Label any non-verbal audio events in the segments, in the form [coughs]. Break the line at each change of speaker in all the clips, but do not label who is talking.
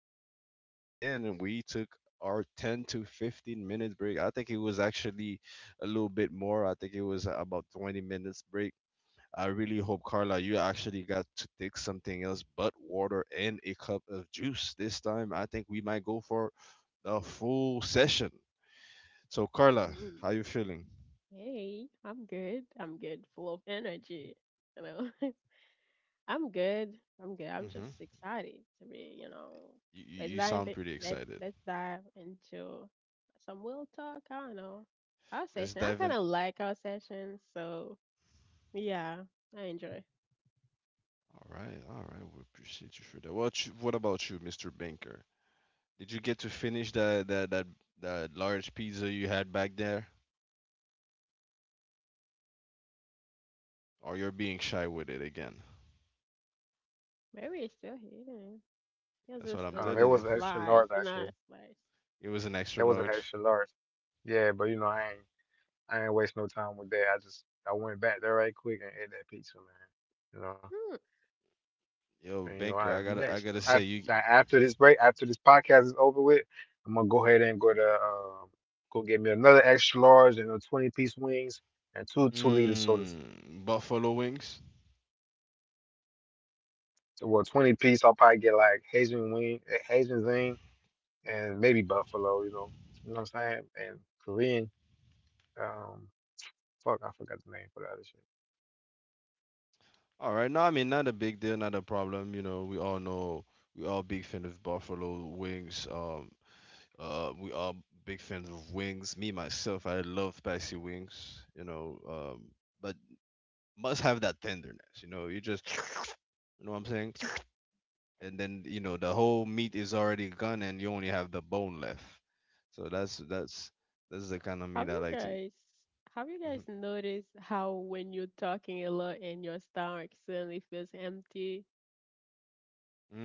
We're back at it again, and we took our 10 to 15 minute break. I think it was actually a little bit more. I think it was about 20 minutes break. I really hope, Carla, you actually got to take something else but water and a cup of juice this time. I think we might go for a full session. So, Carla, how
Mm.
you feeling?
Hey, I'm good. I'm good, full of energy. You know, [laughs] I'm good. I'm
Mm-hmm.
just excited to be. You know,
You, you
let's
you
dive.
sound
i-
pretty excited.
Let's dive into some real talk. I don't know our
Let's
session. I
dive in.
kind of like our session, so yeah, I enjoy.
All right, all right. We appreciate you for that. What you, what about you, Mr. Banker? Did you get to finish that large pizza you had back there, or you're being shy with it again?
Mary is still here. Here's
That's what
just
I'm
a
It
little
telling you.
was an extra
slice,
large
not a
actually.
slice.
It was an extra
It was
Ooh.
an
large.
extra large. Yeah, but I ain't waste no time with that. I went back there right quick and ate that pizza, man. You know,
Hmm.
Yo,
and you know,
Banker,
I
I gotta I
next
gotta say you.
I- after this break, after this podcast is over with, I'm gonna go ahead and go to go get me another extra large and a 20-piece wings and two 2-liter sodas.
Mmm, buffalo wings.
Well, 20-piece, I'll probably get like Haitian wing, Haitian zing, and maybe buffalo. You know what I'm saying? And Korean. Um, Fuck, I forgot the name for the other shit.
All right, no, I mean not a big deal, not a problem. You know we all big fan of buffalo wings. We are big fans of wings. Me myself, I love spicy wings. But must have that tenderness. You know, you just, [sniffs] you know what I'm saying. And then you know the whole meat is already gone, and you only have the bone left. So that's the kind of meat
Have
I
you
like to eat.
guys have you guys
hmm
noticed how when you're talking a lot and your stomach suddenly feels empty?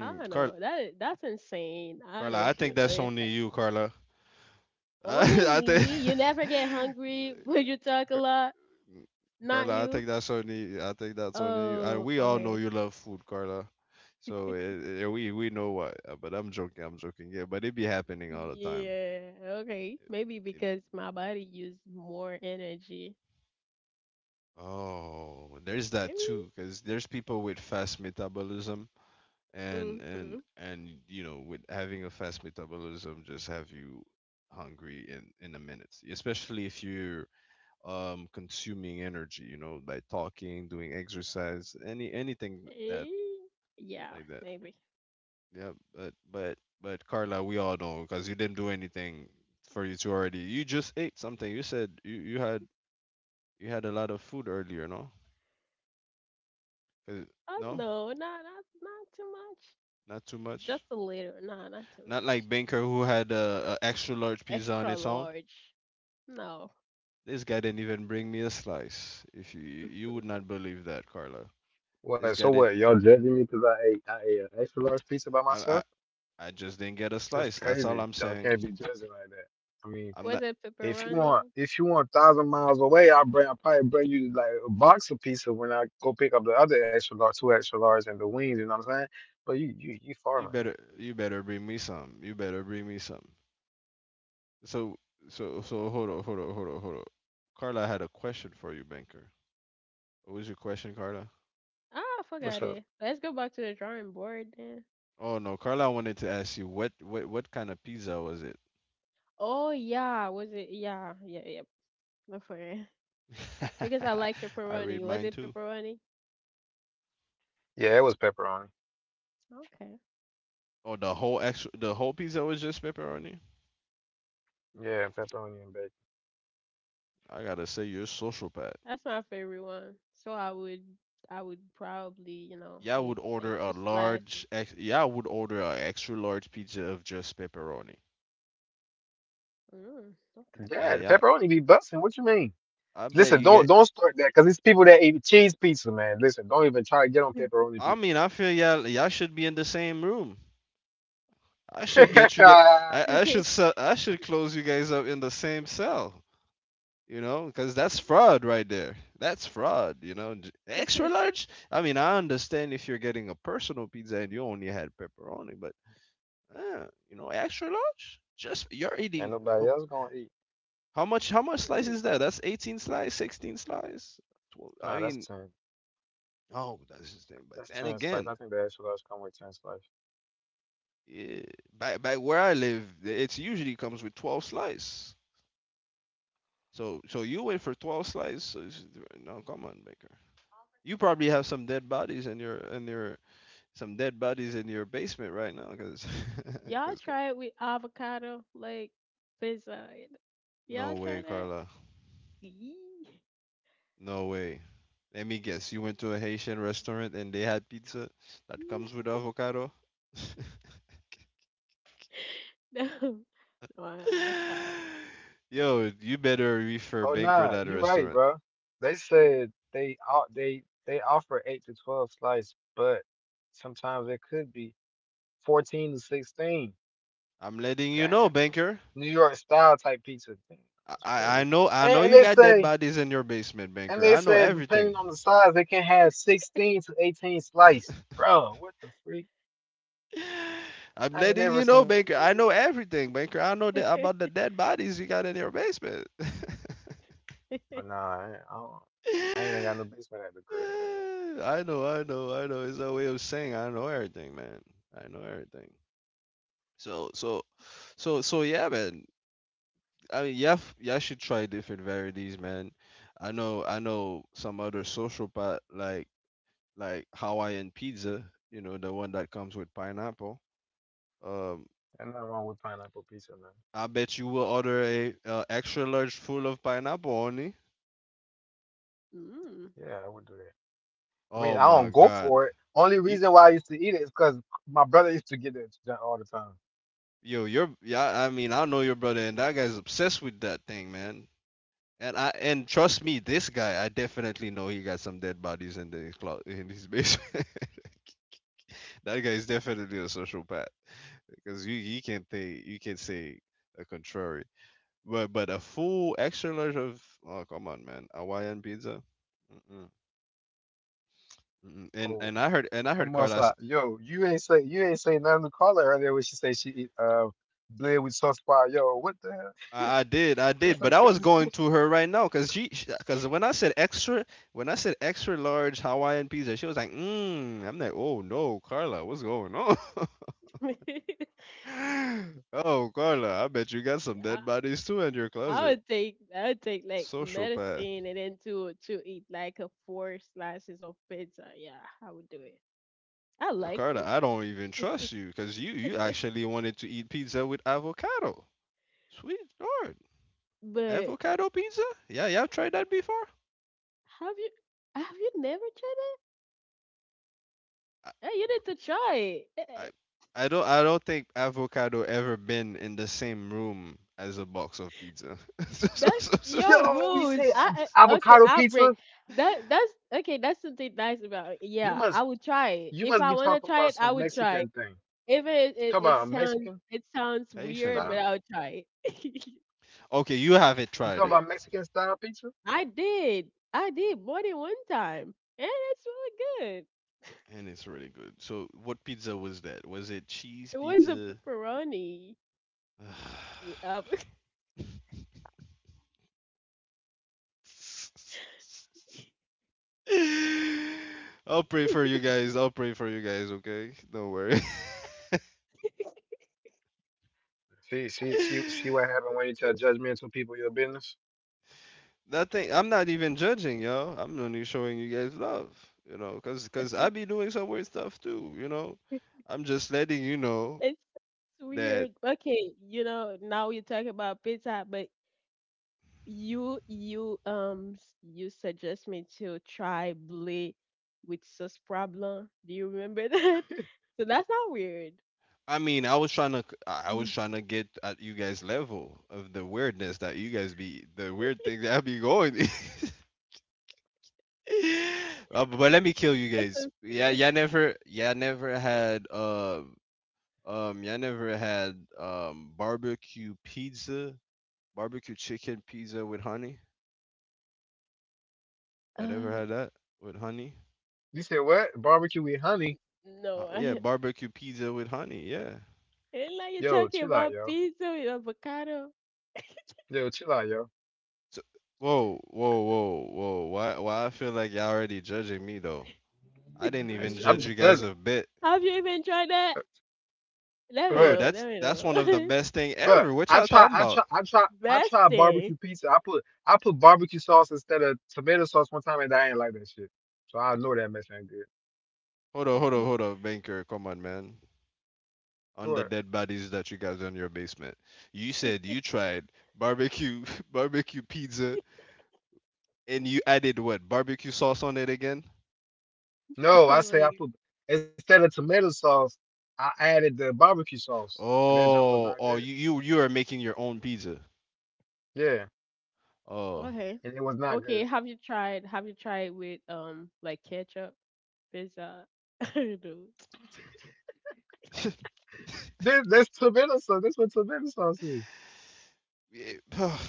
I don't
Carl,
know. That's insane. I don't know
Carla, I
if you
think that's
noticed
only
that.
you, Carla. [laughs]
Only
I think.
me. You never get
[laughs]
hungry [laughs] when you talk a lot. Not
Carla, I
you.
think that's on you. I think that's on you.
Oh,
We all know
okay.
you love food, Carla. So yeah, we know why. But I'm joking. I'm joking. Yeah, but it be happening all the time.
Yeah, okay. Maybe
It-
because my body used more energy.
oh, there's that
Maybe.
too, because there's people with fast metabolism, and
Mm-hmm.
and you know, with having a fast metabolism, just have you hungry in a minute, especially if you're consuming energy. You know, by talking, doing exercise, anything that
Eh, yeah,
like.
maybe.
Yeah, but but Carla, we all know because you didn't do anything for you to already. You just ate something. You said you had a lot of food earlier, no? 'Cause-
Oh
no,
no, not too much.
not too much.
Just a little. No, not too
Not like
much.
Banker who had a extra large pizza on
Extra
its own.
large. No.
This guy didn't even bring me a slice. If you would
[laughs]
not believe that, Carla. This
What?
guy
So
didn't.
what? Y'all judging me because I ate an extra large pizza by
I I,
myself?
I just didn't get a
That's
slice. That's all
crazy.
I'm
Y'all
saying.
can't be judging like that. I mean,
I'm
Was
not.
it
if you want
pepperoni?
if you want 1,000 miles away, I probably bring you like a box of pizza when I go pick up the other extra large, two extra large, and the wings. You know what I'm saying? But you
You
farming.
better you better bring me some. You better bring me some. So so hold on, hold on. Carla had a question for you, banker. What was your question, Carla?
I
What's
forgot
up?
it. Let's go back to the drawing board then.
Oh no, Carla wanted to ask you what kind of pizza was it?
Oh yeah, was it? Yeah, yeah, yeah. Before it. Because I like
[laughs] I read
pepperoni. Was
mine
it
too.
pepperoni?
Yeah, it was pepperoni.
Okay,
Oh, the whole pizza was just pepperoni.
Yeah, pepperoni and bacon.
I gotta say, you're a sociopath.
that's my favorite one. So I would probably, you know,
Y'all
eat
would
like
order a
two slices.
large ex. Y'all would order a extra large pizza of just pepperoni.
Mm,
Yeah,
Yeah, the
yeah.
pepperoni be busting. What you mean?
I bet
Listen,
you
don't
get.
don't start that because it's people that eat cheese pizza, man. Listen, don't even try to get on pepperoni
I
pizza.
mean, I feel y'all should be in the same room. I
[laughs]
should get
Ain't
you get. I should
okay.
sell, I should close you guys up in the same cell. You know, because that's fraud right there. That's fraud. Extra
[laughs]
large. I mean, I understand if you're getting a personal pizza and you only had pepperoni, but you know, extra large. Just you're eating.
nobody
Oh,
else gonna eat.
how much? How much slice
Ooh.
is that? That's 18 slice, 16 slice. 12, I
Nah, that's
mean,
ten.
oh, that's just. It. But
That's
then
ten slice.
again,
I think the extra large come with ten slice.
yeah, back where I live, it's usually comes with 12 slice. So so you wait for 12 slices. No, come on, Baker. You probably have some dead bodies in your some dead bodies in your basement right now, [laughs]
Y'all
'cause- 'cause-
try it with avocado like pizza. Y'all
no
try
way,
that?
Carla,
Yee.
no way. Let me guess, you went to a Haitian restaurant and they had pizza that comes with avocado.
[laughs] No, no, I try.
[laughs] Yo, you better refer
Oh
Banker
nah,
that
you right,
restaurant.
bro. They said they o- they they offer 8 to 12 slice, but sometimes it could be 14 to 16.
I'm letting you know,
Damn,
Banker.
New York style type pizza. Damn, that's crazy.
I
And,
know
and
you
they
got dead
say
bodies in your basement,
and
Banker.
they
I know
said depending
everything.
on the size, they can have 16 to 18 slice. Bro, what the freak?
I'm
I ain't
letting
never
you
seen
know, Baker. I know everything, Baker. I know that about the
It.
dead bodies you got in your basement. [laughs]
Oh,
[laughs]
nah, I ain't even got no basement at the crib.
I know. It's a way of saying I know everything, man. I know everything. So, so, yeah, man. I mean, yeah. I should try different varieties, man. I know some other social pot like Hawaiian pizza. You know, the one that comes with pineapple. Um,
Ain't nothing wrong with pineapple pizza, man.
I bet you will order a extra large full of pineapple only.
Mm.
Yeah, I would do that. I mean,
Oh
I
my
don't go
god.
for it. Only
You,
reason why I used to eat it is because my brother used to get that shit all the time.
Yo, your yeah, I mean, I know your brother and that guy's obsessed with that thing, man. And trust me, this guy, I definitely know he got some dead bodies in the clo- in his basement. [laughs] That guy is definitely a sociopath because you can't say the contrary. But a full extra large of oh come on man, Hawaiian pizza. Mm-mm. Mm-mm. And
Oh,
I heard
come on, Sly.
Carlos.
Yo, you ain't say nothing to Carla earlier when she said she eat bread with sauce pie. Yo, what the hell?
I
That's
did, but
some
I was
crazy.
going
[laughs]
to her right now because when I said extra large Hawaiian pizza, she was like, mm. I'm like, oh no, Carla, what's going on?
[laughs]
[laughs] Oh, Carla, I bet you got some
I,
dead bodies too in your
I
closet.
would take I would take like
Sociopath,
medicine and then to eat like a four slices of pizza. Yeah, I would do it. I like
Carla, I
pizza,
don't even
[laughs]
trust you because you actually wanted to eat pizza with avocado. Sweet lord,
but
avocado pizza? Yeah, yeah, I've tried that before.
have you have you never tried it? You need to try
I
it.
I don't think avocado ever been in the same room as a box of pizza.
That's your
[laughs]
Yo, you
rules.
say
Okay,
avocado
I'll break.
pizza?
That's okay, that's something nice about it.
You
Yeah, I
must
would try it.
you
If
must
I
be
wanna
talking
try
about
it, I
some
would try it.
Mexican thing.
Even it, it,
Talk
it
about a
sounds
Mexican
it sounds
Haitian
weird, but
thing.
style.
I would try it.
Okay, you haven't
You
tried
talking
it,
You
about Mexican style pizza?
I did. I did more than one time. And it's really good. [laughs]
and it's really good. So, what pizza was that? Was it cheese
It was a
pizza?
pepperoni. We- Um,
[sighs] I'll pray for you guys. I'll pray for you guys. Okay, don't worry.
[laughs]
See, what
[laughs]
happened when you tell judgmental people your business.
That thing, I'm not even judging, yo. I'm only showing you guys love, you know, cause I be doing some weird stuff too, you know. I'm just letting you know
it's
that.
weird. Okay, you know, now you talk about pizza, but you suggest me to try Blay with sauce problem. Do you remember that? [laughs] So that's not weird.
I mean, I was
Mm.
trying to get at you guys' level of the weirdness that you guys be, the weird thing that I be going. [laughs] But let me kill you
[laughs] That's
guys.
not
Yeah,
weird.
y'all never had, barbecue pizza, barbecue chicken pizza with honey. I never
Uh,
had that with honey.
You say what? Barbecue with honey?
no, [laughs]
Yeah,
I
barbecue pizza with honey. Yeah.
ain't like you
Yo,
talking
chill out,
about
yo.
pizza with avocado.
Yo, chill out, yo.
So, whoa. Why I feel like y'all already judging me though? I
[laughs]
didn't
I
even
am
judge you
judging.
guys a bit,
Have you even tried
Uh,
that? Let me
bro.
but
know. Let me
That's one of the
know.
best thing
but
ever. What
I
y'all
try,
talking
I
about?
try, I try,
[laughs]
I
Best
try
thing.
barbecue pizza. I put barbecue sauce instead of tomato sauce one time, and I ain't like that shit. So I know that mess ain't good.
Hold
[laughs]
on, banker. Come on, man. On the
What?
dead bodies that you guys in your basement. You said you tried barbecue [laughs] barbecue pizza and you added what barbecue sauce on it again?
No,
Oh
I say I
my
put instead of tomato sauce, I added the barbecue sauce, and that junk was not
Oh,
good.
oh, you are making your own pizza.
Yeah,
God.
Oh,
Okay.
and it was not
Okay.
good.
Have you tried? Have you tried with like ketchup pizza? [laughs] I don't know.
[laughs]
There, there's tomato sauce. That's what tomato sauce is.
Yeah,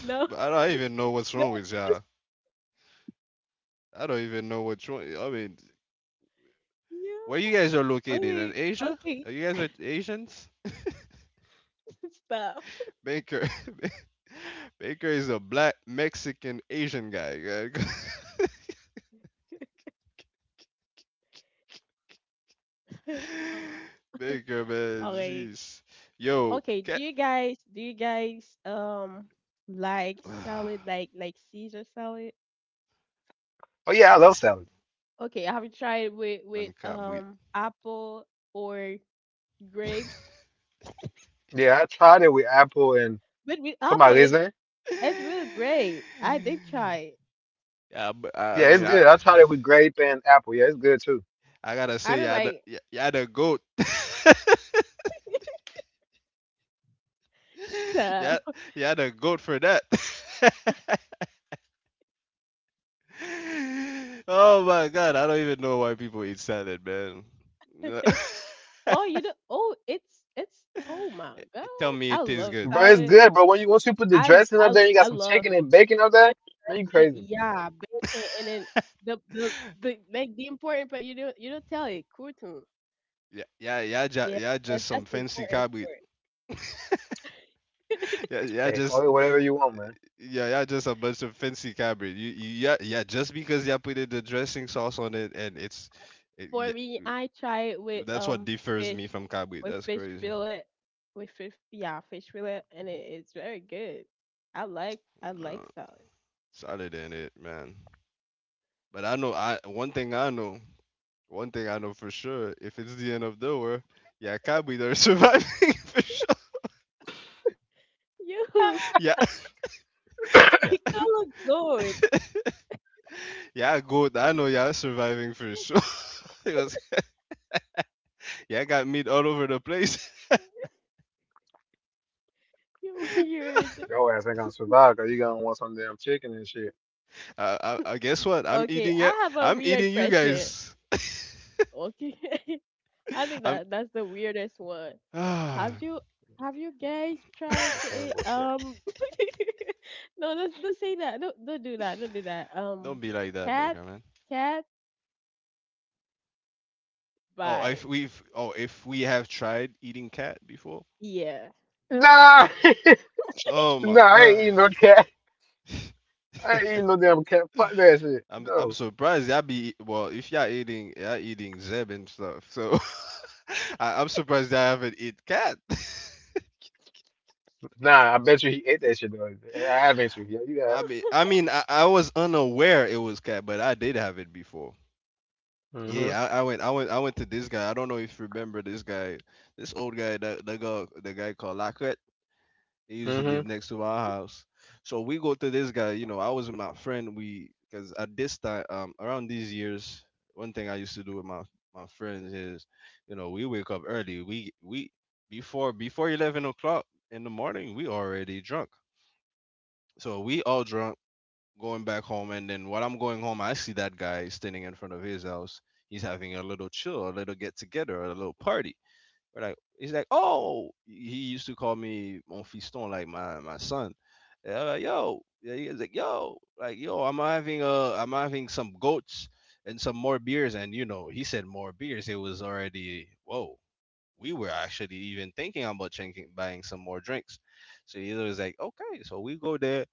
No,
I don't even know
[laughs]
what's
no,
wrong with
just
y'all. I don't even know what's wrong. I mean, where you
yeah.
guys are located in
Okay,
Asia?
okay,
Are you guys are Asians?
[laughs] stop.
Baker, [laughs] Baker is a black Mexican Asian guy.
[laughs] Uh,
[laughs] Baker, man,
okay,
jeez, yo,
okay. Do
cat,
you guys do you guys um like salad
[sighs]
like Caesar salad?
Oh yeah, I love salad.
Okay, I have you tried with
man, can't wait. [sighs]
apple or grapes?
Yeah, I tried it with apple and
But with apple,
tomato
it's
raisin.
it's really great. I did try. It.
Yeah, but
Yeah, it's good. I tried it with grape and apple. Yeah, it's good too.
I gotta
I
say,
don't like
y'all the goat. [laughs] Yeah,
stuff.
yeah, the goat for that. [laughs] [laughs] Oh my god, I don't even know why people eat salad, man. Yeah. [laughs]
[laughs] Oh, you know, oh, it's oh my gosh,
Tell me it
I
tastes
love
good.
Bro, it's
salad.
good, bro. When you once you put the dressing up there, you got
I
some
love
chicken and bacon up there.
it.
Man, you
The,
crazy.
yeah, bacon,
[laughs]
and then the the the like the important part you don't tell it kurtum. Yeah,
Yeah, just some
that's the
fancy
important
cabbage.
part. [laughs]
Yeah, yeah,
Hey,
just
call it whatever you want, man.
yeah, yeah, just a bunch of fancy cabbage. Yeah, yeah, just because y'all put the dressing sauce on it and
For
yeah,
me, I try it
uh,
with
that's what differs
fish
me from cabbage.
with
That's
fish
crazy.
fillet with fish yeah fish fillet, and it's very good. I like
No,
salad.
solid in it, man. But I know I one thing I know. One thing I know for sure, if it's the end of the world, yeah, can't be there surviving [laughs] for sure.
You, [laughs]
Yeah,
[coughs]
he
yeah,
called goat. [laughs]
yeah, good. I know y'all surviving for sure. [laughs] Because yeah, I got meat all over the place. [laughs]
You weird.
Your ass ain't gonna survive because you gonna want some damn chicken and shit.
I guess what? I'm
Okay, I
eating it.
have a
I'm
weird
eating you
question.
guys.
Okay, [laughs] I think
I'm.
that that's the weirdest one. Have
Ah.
you have you guys
That's some
tried to
[sighs]
cannibal
eat
shit.
[laughs] no don't say that don't do that don't do that
Don't be like that,
cat
Banker man.
cat
Oh,
bite
if we have tried eating cat before.
yeah
Nah,
Oh
[laughs]
my
nah, I
god.
ain't eating no cat. I ain't eating no damn cat. Fuck that
[laughs]
shit.
I'm
No.
surprised y'all be well if y'all eating zeb and stuff. So [laughs] I'm surprised I haven't eat cat.
Nah, I bet you he ate that shit though. I have ate you. Yeah, you
[laughs] I
have.
mean I was unaware it was cat, but I did have it before.
Mm-hmm.
Yeah, I went to this guy. I don't know if you remember this guy, this old guy that the guy called Lacroix. They usually
Mm-hmm.
live next to our house. So we go to this guy, you know, I was with my friend, because at this time, around these years, one thing I used to do with my, my friends is, you know, we wake up early. Before 11 o'clock in the morning, we already drunk. So we all drunk, going back home. And then while I'm going home, I see that guy standing in front of his house. He's having a little chill, a little get together, a little party. He's like, oh, he used to call me mon fiston, like my son. And I'm like, yo, yeah, he was like yo, I'm having some goats and some more beers, and you know, he said more beers. It was already whoa. We were actually even thinking about drinking, buying some more drinks. So he was like, okay, so we go there.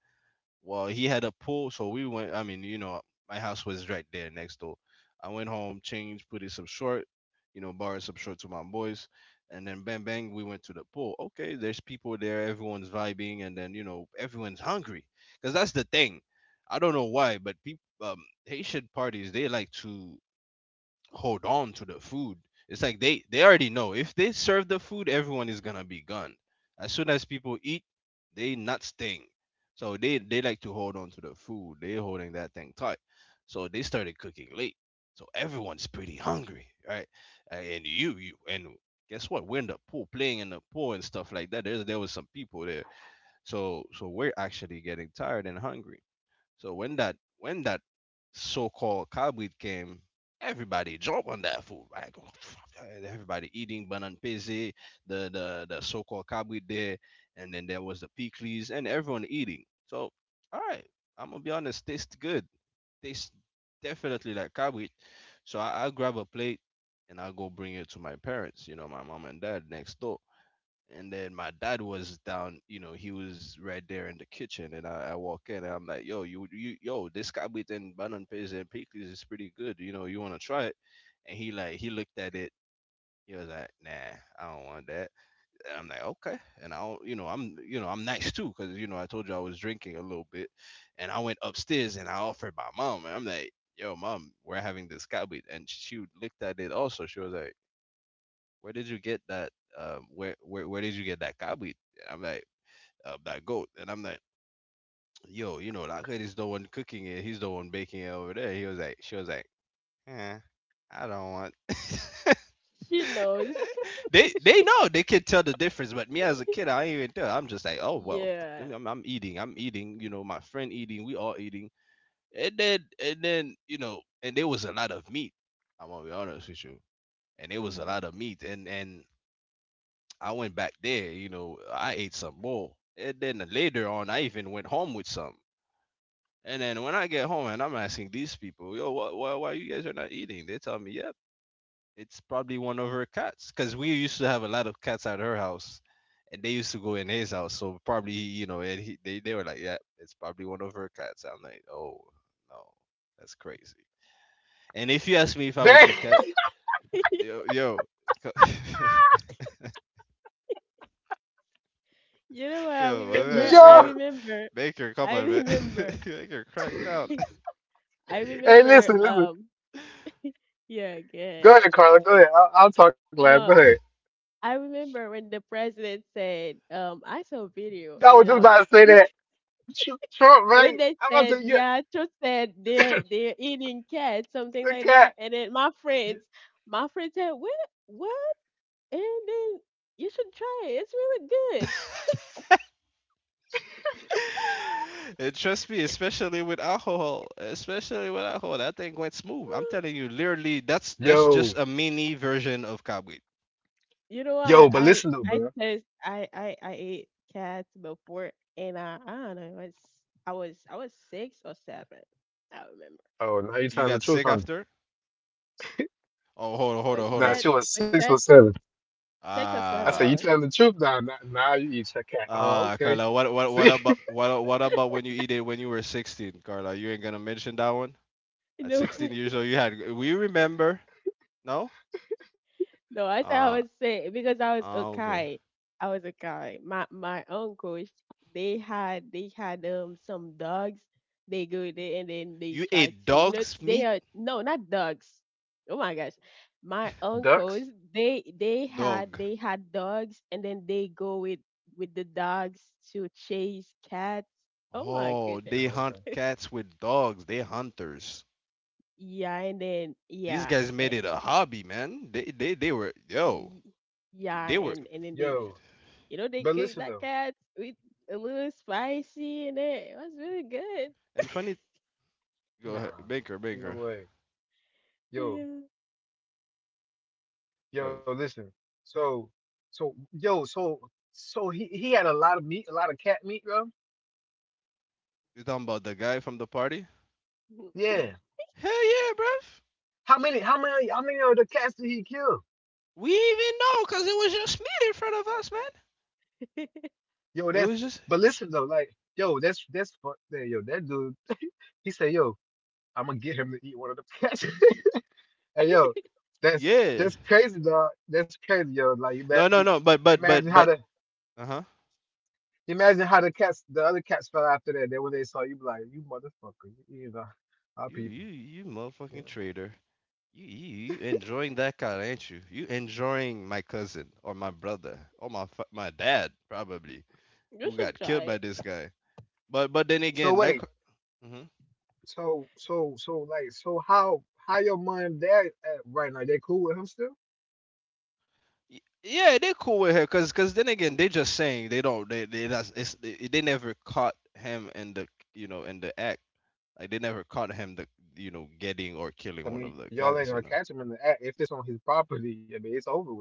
Well, he had a pool, so we went. I mean, you know, my house was right there next door. I went home, changed, put in some short, you know, borrowed some short to my boys, and then bang bang, we went to the pool. Okay, there's people there, everyone's vibing, and then you know, everyone's hungry, cause that's the thing. I don't know why, but Haitian parties, they like to hold on to the food. It's like they already know if they serve the food, everyone is gonna be gone. As soon as people eat, they not staying. So they like to hold on to the food. They holding that thing tight. So they started cooking late. So everyone's pretty hungry, right? And you and guess what? We're in the pool playing in the pool and stuff like that. There was some people there. So we're actually getting tired and hungry. So when that so-called cowbreed came, everybody jump on that food. Like and [sniffs] everybody eating banan peze, the so-called cowbreed there, and then there was the pickles and everyone eating. So all right, I'm gonna be honest, tastes good. Tastes definitely like cowbreed. So I grab a plate and I go bring it to my parents, you know, my mom and dad next door, and then my dad was down, you know, he was right there in the kitchen, and I walk in and I'm like, "Yo, yo, this kabit and banan pays and pickles is pretty good. You know, you want to try it?" And he looked at it. He was like, "Nah, I don't want that." And I'm like, "Okay." And I, don't, you know, I'm nice too, cause you know, I told you I was drinking a little bit, and I went upstairs and I offered my mom, and I'm like, "Yo, mom, we're having this kabit," and she looked at it also. She was like, where did you get that? Where did you get that cabbage? And I'm like, that goat. And I'm like, yo, you know, that kid is the one cooking it. He's the one baking it over there. She was like, eh, I don't want. [laughs]
[laughs] she knows
They know they can tell the difference, but me as a kid,
[laughs]
I ain't even tell. I'm just like, oh well,
yeah
I'm eating, I'm eating. You know, my friend eating, we all eating. And then you know, and there was a lot of meat. I'm gonna be honest with you, and there was a
hmm
lot of meat, and I went back there, you know, I ate some more. And then later on, I even went home with some. And then when I get home and I'm asking these people, yo, why you guys are not eating? They tell me, yep, it's probably one of her cats. Because we used to have a lot of cats at her house and they used to go in his house. So probably, you know, they were like, yeah, it's probably one of her cats. I'm like, oh, no, that's crazy. And if you ask me if I would
Dang,
eat cat, yo,
[laughs]
yo, [laughs]
you know what
yo,
[laughs] yo.
I
yo,
remember
Baker, come
I
on, man.
remember
[laughs] Baker cracked out.
[laughs] I
Hey,
remember
listen, listen.
[laughs]
yeah good
Go ahead, Carla. Go ahead. I'll talk last. Go
no
ahead.
I remember when the president said I saw a video
I was
and then
just
I
about
was
to say
this
that Trump,
when
right?
they
I'm about
said,
to yeah,
yeah, Tro said they're eating cats,
[laughs]
something
the
like
cat.
that. And then my friends said, what, what? And then you should try it. It's really good.
and trust me, especially with alcohol, that thing went smooth. I'm
[gasps]
telling you, literally, that's just
Yo,
a mini version of cobweed.
You know,
Uh,
yo,
what?
but listen though,
I
bro.
taste I ate cats before, and I don't know. It was I was six or seven. I don't remember
Oh, now you
You
telling the
got
truth,
sick
huh?
after? Oh,
what you
hold up.
Nah,
said.
she was
What you
six or
said?
seven.
Six or
I
seven.
said,
I
Ah,
you
was.
telling the truth now? Nah, nah, nah, you eat your cat. Oh, okay.
Carla, what what what
See,
about what what about when you eat it when you were 16, Carla? You ain't gonna mention that one.
You
At
know.
16
[laughs]
years old, you had. We remember? No?
No, I said I
Uh,
was sick because I was
okay.
okay. I was okay. My uncles, they had some dogs. They go there and then they
You
try
ate
to you know
dog's
they
meat.
are no not dogs. Oh my gosh, my
[laughs]
uncles
ducks.
Dog.
they had dogs and then they go with the dogs to chase cats. Oh my
Oh,
Oh,
they
goodness.
okay.
hunt cats with dogs. They hunters.
Yeah, and then
These
yeah,
guys
eh,
made it a hobby, man. They were yo.
y- yeah,
They were
and then they
Yo,
you know, they
but
cook
listen
that
though.
cat with a little spicy in it. It was really good.
and
[laughs]
funny. Go ahead,
Nah, in no
Baker,
way. Yo,
Yeah.
yo,
bro.
listen. So, so, yo, so he had a lot of meat, a lot of cat meat, bro.
You talking about the guy from the party?
Yeah.
Hell yeah, bruv.
How many? How many? How many of the cats did he kill?
We even know because it was just meat in front of us, man.
Yo,
It
that's.
was just
But listen though, like, yo, that's fuck there, yo. That dude, [laughs] he said, yo, I'm gonna get him to eat one of the cats. [laughs] Hey, yo, that's
yeah.
that's crazy, dog. That's crazy, yo. Like, you bet.
No, no, no.
Imagine
But
how
but.
the
Uh huh.
imagine how the cats, the other cats felt after that. Then when they saw you, be like, you motherfucker, you, our
You
people.
you you
Yeah.
motherfucking traitor. You enjoying that car, ain't you? You enjoying my cousin or my brother or my my dad probably
[laughs] You
who
should
got killed
try
by this
it.
guy. But then
So
again,
wait,
like, hmm
so, like, so how your mom and dad at right now? They cool with him still?
yeah, they cool with her, cause cause then again, they just saying they that's it's, they never caught him in the you know in the act, like they never caught him the you know getting or
I
killing one
mean,
of the
y'all ain't
cats you
gonna
know.
catch him in the act if it's on his property. I mean, it's over with.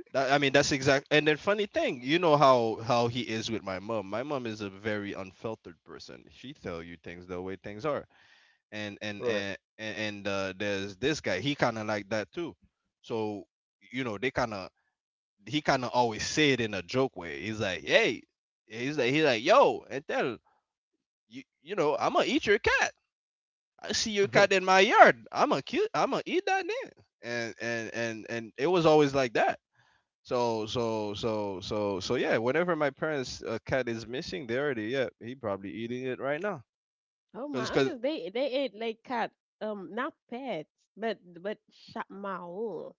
That, I mean, that's exact. And then funny thing, you know how he is with my mom. My mom is a very unfiltered person. She tell you things the way things are.
Right.
And there's this guy. He kind of like that too. So you know they kind of he kind of always say it in a joke way. He's like, hey, he's like yo, and tell you you know I'm gonna eat your cat. I see your cat
[laughs]
in my yard. I'm gonna kill. I'm gonna eat that then. And it was always like that, so yeah. Whenever my parents' cat is missing, they already yeah he probably eating it right now.
Oh, my
Cause
uncles, they ate like cat, not pets, but shot mao.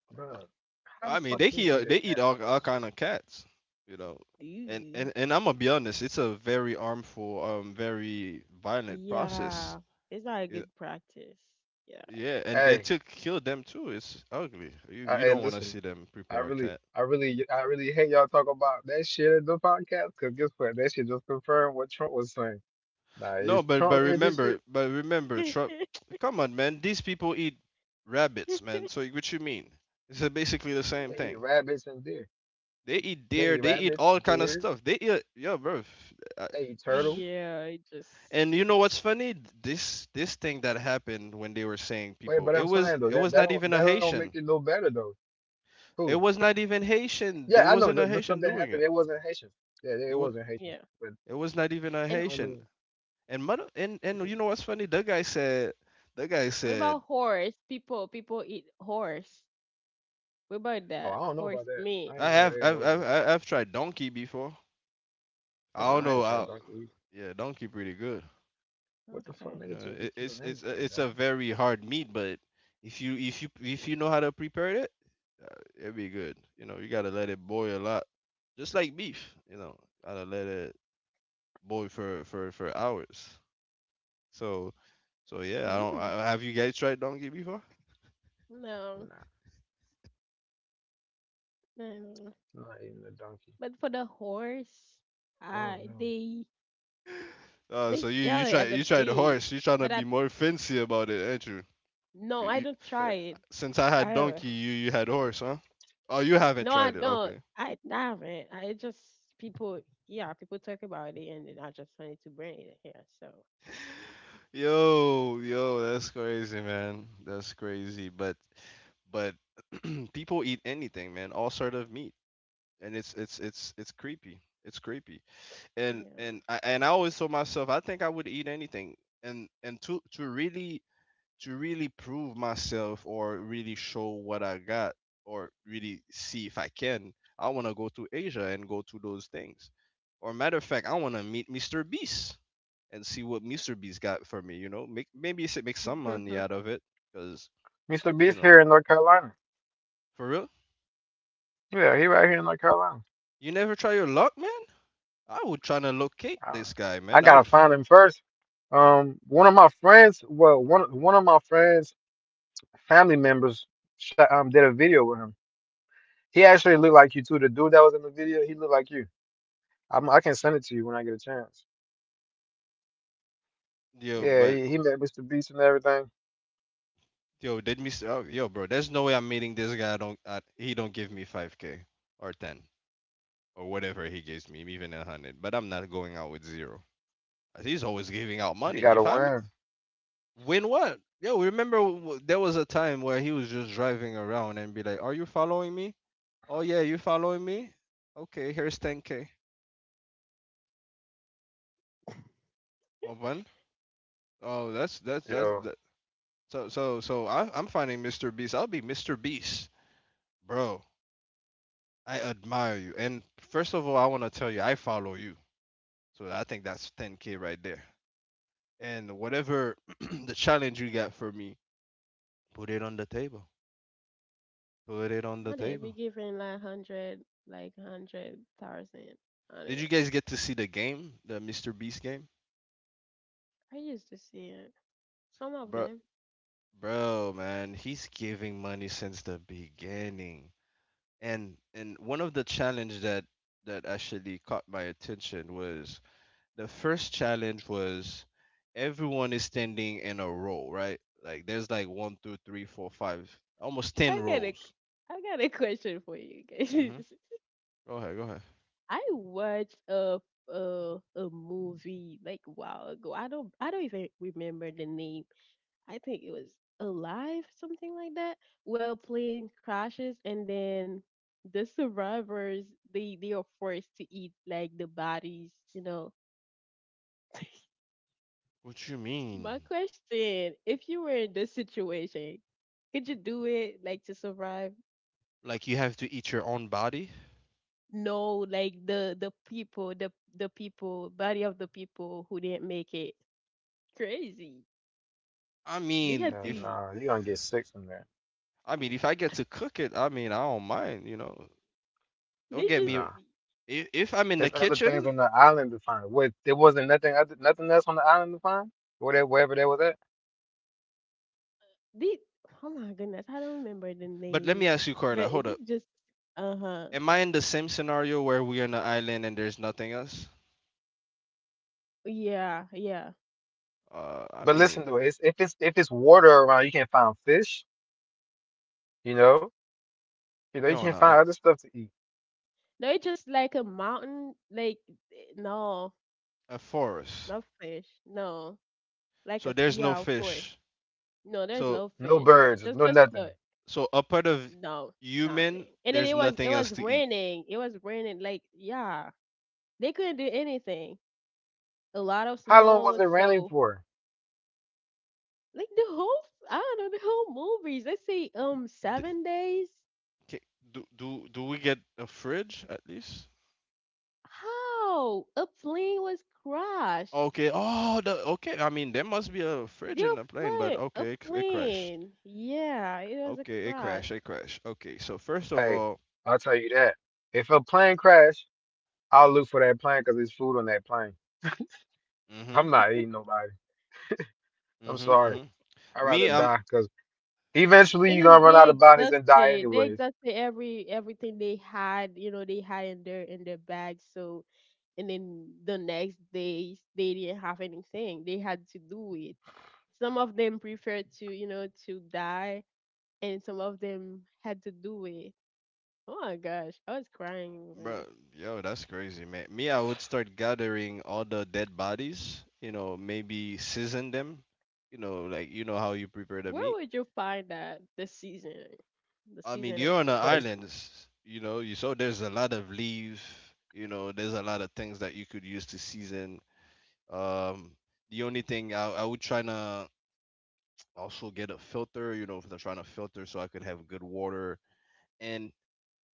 Bruh, how the
I mean
fuck can you eat a
they
cat
eat
dog? That
all
shit.
kind of cats, you know. And
Dude.
and and I'm gonna be honest, it's a very harmful very violent process.
Yeah, it's not a
Yeah,
good practice. Yeah.
yeah, and
Hey,
to kill them too, it's ugly. You you don't want to
listen.
see them
I
prepare a
really,
cat.
I really, I really hate y'all talk about that shit in the podcast. Cause guess what? That shit just confirmed what Trump was saying. Nah,
No,
if
but
Trump hear this shit,
but remember, Trump.
[laughs]
[tsk] Come on, man. These people eat rabbits, man. So what you mean? It's basically the same
they eat
thing.
rabbits and deer.
They eat
They
deer.
eat
They eat
rabbits,
all kind of
deer.
stuff. They eat yeah, bro. I-
They eat turtles.
Yeah, it just
And you know what's funny? This thing that happened when they were saying
Wait,
people,
but
it
I'm
was
saying though that that
not
don't
even a
that don't make it
Haitian.
no better though. Cool.
It was not even Haitian.
Yeah,
There
I know
wasn't
the,
a
the stuff
Haitian
that
doing
happened.
it.
It wasn't Haitians. Yeah,
It
it
was
wasn't Haitians.
yeah.
But
it was not even a
that
And
don't
Haitian.
mean
And mother and
shit.
you know what's funny? The guy
what
said
about horse? People people eat horse. What about
Oh, I
that
don't know about
horse
that. I
meat?
ain't
I
never
have
ate horse before.
I've tried donkey before. I don't
Nah, I
know.
ain't
I,
tried
Donkey.
donkey either.
yeah, donkey pretty good.
What the fuck,
Okay.
You
nigga?
know,
Just be
it's
killing anything,
it's a
dog.
very hard meat, but if you if you if you know how to prepare it, it'll be good. You know, you gotta let it boil a lot, just like beef. You know, gotta let it boil for hours. So so yeah, I don't.
Hmm.
I, have you guys tried donkey before?
No.
Nah,
No.
I'm not eating a donkey.
But for the horse,
Oh
I
no,
they
So
sell it at the
you tried the
beach.
horse. You trying to
But I
be more fancy about it, ain't you?
no, I
You?
don't try
shit.
it.
Since I had
I don't.
donkey, you had horse, huh? Oh, you haven't
No, I
tried it.
don't.
Okay.
I haven't. I just people. Yeah, people talk about it, and then I just wanted to bring it here. So
Yo, that's crazy, man. That's crazy. But [clears throat] people eat anything, man. All sort of meat, and it's creepy. It's creepy.
yeah.
And I always told myself I think I would eat anything. And to really prove myself or really show what I got, or really see if I can, I want to go to Asia and go to those things. Or matter of fact, I want to meet Mr. Beast and see what Mr. has got for me. You know, make maybe you should make some money out of it, cause
Mr.
you
Beast
know,
here in North Carolina.
for real.
Yeah, he right here in North Carolina.
You never try your luck, man. I would try to locate
I,
this guy,
I
man. I
gotta
would. Fu-
find him first. One of my friends. Well, one of my friends family members shot, did a video with him. He actually looked like you too. The dude that was in the video, he looked like you. I can send it to you when I get a chance.
Yo,
Yeah,
but
he met Mr. Beast and everything.
yo, did Mr. Oh, yo, bro, there's no way I'm meeting this guy. I don't. He don't give me 5k or 10 or whatever he gives me, even 100. But I'm not going out with zero. He's always giving out money.
You
If
gotta
I'm.
win,
Win what? Yo, remember there was a time where he was just driving around and be like, "Are you following me? Oh yeah, you following me? Okay, here's 10k. Oh, one. Oh, that's that's that's
yo.
that. So I'm finding Mr. Beast. I'll be Mr. Beast, bro. I admire you. And first of all, I want to tell you, I follow you. So I think that's 10k right there. And whatever [clears throat] the challenge you got for me, put it on the table. Put it on
[laughs]
the
I did. We
table.
giving like hundred, like 100,000. I think
Did you guys get to see the game, the Mr. Beast game?
I used to see it. Some of
Bro,
them.
bro, man, he's giving money since the beginning. And one of the challenge that actually caught my attention was the first challenge was everyone is standing in a row, right? Like there's like one, two, three, four, five, almost ten
I got a
rows.
I got a question for you guys.
Mm-hmm.
[laughs]
Go ahead, go ahead.
I watched a a movie like a while ago. I don't even remember the name. I think it was Alive, something like that. Well, plane crashes and then the survivors they are forced to eat like the bodies, you know.
What you
My
mean?
question, if you were in this situation, could you do it like to survive?
Like you have to eat your own body?
No, like the people, body of the people who didn't make it. Crazy.
I
They
mean,
had
Yeah,
if
to.
nah, you gonna get sick from that.
I mean if I get to cook it, I mean I don't mind. Don't
They
get
just
me
Nah,
if I'm in the
there's other things
kitchen.
on the island to find. What there wasn't nothing other, nothing else on the island to find. Whatever, wherever that was at.
they. Oh my goodness, I don't remember the
But let me
name,
ask you,
but
Carla.
it
Hold up.
did just. Uh huh.
Am I in the same scenario where we're on an island and there's nothing else?
Yeah, yeah.
I
But listen
mean,
to it. It's, if it's if it's water around, you can't find fish. You know, you
you're on
can't find
a,
other stuff to eat.
No, it's just like a mountain. Like no,
a forest,
no fish. No, like a
so
f-
there's no
yeah, of course.
fish.
No, there's
So,
no
No
fish.
uh,
birds, no
Just
uh,
the
nothing.
so apart of
no,
human,
nothing. And then
there's
it
nothing
was
else to eat.
raining. It was raining. Like yeah. They couldn't do anything. A lot of
How long
snow,
was it raining
so
for?
like the whole I don't know, the whole movies. Let's say
Th-
7 days.
do we get a fridge at least?
How? A plane was crashed.
Okay. Oh, okay. I mean, there must be a fridge in
Your
the plane, but
flight, a
okay, it crashed.
plane. Yeah, it was a
Okay, it
crash.
crashed. It crashed. Okay. So first of
Hey,
all,
I'll tell you that. If a plane crash, I'll look for that plane because there's food on that plane. I'm
mhm,
not eating
[laughs]
nobody. I'm
mhm,
sorry.
mhm.
I'd rather
Me, I'm.
die because eventually
And
you're
then
gonna run out of bodies and die
they
anyways.
exhausted everything they had you know they had in their bags so and then the next day they didn't have anything they had to do it. Some of them preferred to, you know, to die, and some of them had to do it. Oh my gosh, I was crying when this.
Bro, yo, that's crazy, man. Me, I would start gathering all the dead bodies, maybe season them, like you know how you prepare the
Where
meat.
would you find that the
I mean,
seasoning
you're on an
for that?
Space.
island, s- you know, you so there's a lot of leaf, there's a lot of things that you could use to season. Um, the only thing I would try to also get a filter, if I'm trying to filter so I could have good water. And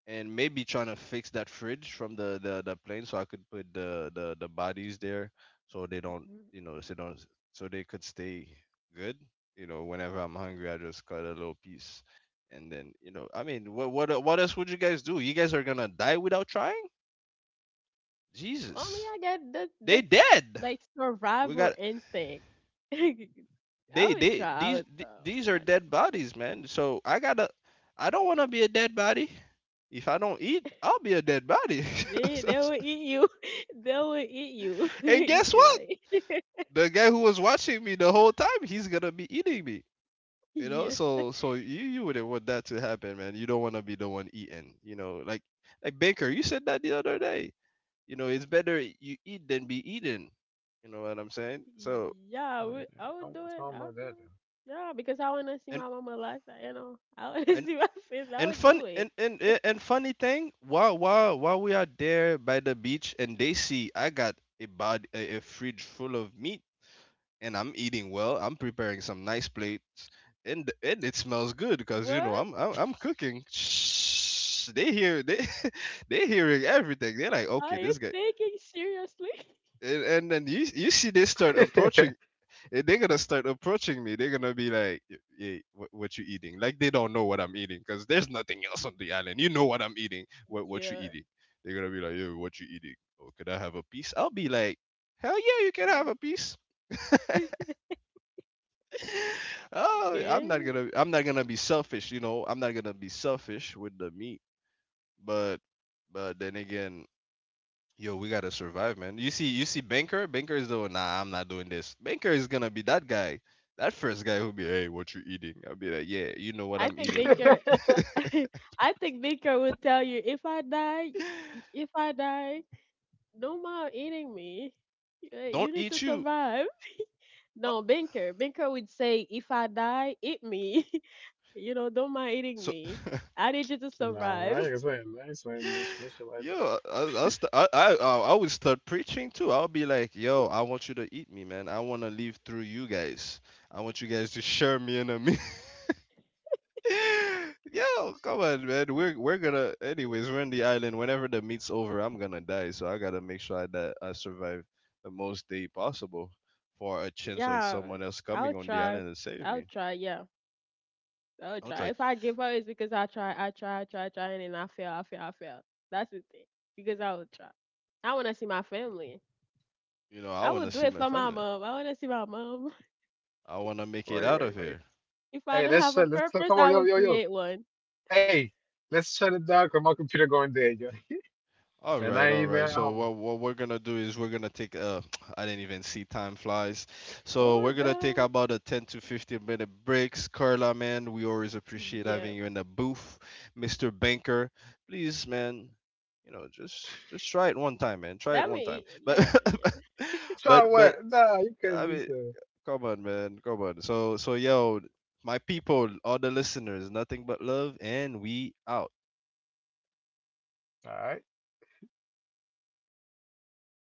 and maybe trying to fix that fridge from the plane so I could put the bodies there so they don't
Mm,
you know so don't so they could stay good. You know, whenever I'm hungry, I just cut a little piece, and then, I mean, what else would you guys do? You guys are gonna die without trying?
well, I mean,
Jesus,
I get that
they
that's
dead.
like
We
survival
got
instinct. [laughs] I
they
would
they
try
these
out
th-
though,
these are dead
honestly.
bodies, man. So I don't wanna be a dead body. If I don't eat, I'll be a dead body.
They
[laughs]
will eat you. [laughs] They will eat you. [laughs]
And guess
You
what?
know. [laughs]
The guy who was watching me the whole time, he's gonna be eating me. You know,
Yeah.
so you wouldn't want that to happen, man. You don't want to be the one eating. You know, like Baker, you said that the other day. You know, it's better you eat than be eaten. You know what I'm saying? So
Yeah,
I
I would do
don't want to
it.
talk
I would
about
do it. Yeah, because I want to see
and
my mama lifestyle. You know, [laughs] I want to [laughs]
and
see my family. I
and
would
fun
do
and
it.
and and funny thing, while we are there by the beach and they see I got a fridge full of meat, and I'm eating well. I'm preparing some nice plates, and it smells good because you know
What
I'm cooking. Shh, they [laughs] they hearing everything. They're like, okay,
are you
this guy.
thinking? Seriously? [laughs]
And then you see they start approaching. And they're gonna start approaching me. They're gonna be like, Hey, what you eating?" Like they don't know what I'm eating because there's nothing else on the island. You know what I'm eating. What you
Yeah.
eating? They're gonna be like, "Yo, what you eating? Oh, could I have a piece?" I'll be like, "Hell yeah, you can have a
[laughs]
piece." [laughs] Oh, I'm not
Good.
gonna I'm not gonna be selfish. I'm not gonna be selfish with the meat, but but then again, yo, we gotta survive, man. You see, Banker is doing. Nah, I'm not doing this. Banker is gonna be that guy, that first guy who'll be, hey, what you eating? I'll be like, yeah, you know what
I
I'm
think
eating.
that
Binker.
[laughs]
though.
[laughs] I think Binker would tell you if I die, if I die, no more eating me.
Don't
You need to
eat you.
survive.
Uh,
No, Binker. Binker would say, if I die, eat me. [laughs] You know, don't mind eating
So.
me.
[laughs]
I need you to
[laughs] No,
survive.
I ain't saying much, much shit like
Yo, I,
that.
st- I would start preaching too. I'll be like, yo, I want you to eat me, man. I want to live through you guys. I want you guys to share me in a meal. [laughs] Yo, come on, man. We're gonna, anyways. We're on the island. Whenever the meet's over, I'm gonna die. So I gotta make sure that I survive the most day possible for a chance of
Yeah,
someone else coming
I'll
on the
try.
island and save
I'll
me.
try. Yeah, I'll
I'll
try.
try.
If I give up, it's because I try, I try, I try, I try, and then I fail, I fail, I fail. That's the thing. Because I will try. I want to see my family.
You know, I
I will
wanna
do
see
it
my
for my
family.
mom. I want to see my mom. [laughs]
I wanna
[laughs]
make it
Wait,
out of
wait, wait.
here.
If I
Hey,
don't
let's
have a
shut. Let's
purpose,
come
I
on, yo,
will
yo, yo.
create one.
Hey, let's shut it down 'cause my computer going dead, yo. [laughs]
All
Man, I
right,
ain't
all
even at
right. So
home.
what we're gonna do is we're gonna take [tsk] I didn't even see time flies.
Oh
So
my
we're gonna take
God.
about a 10 to 15 minute breaks. Carla, man, we always appreciate
Yeah.
having you in the booth. Mr. Banker, please, man, just try it one time, man. Try it
Let
one
me
time.
eat.
But
Let,
[laughs]
Try
but
what? Nah, you
I
couldn't do
mean,
so.
come on, man, come on. So yo, my people, all the listeners, nothing but love, and we out.
All right.
yeah.
有，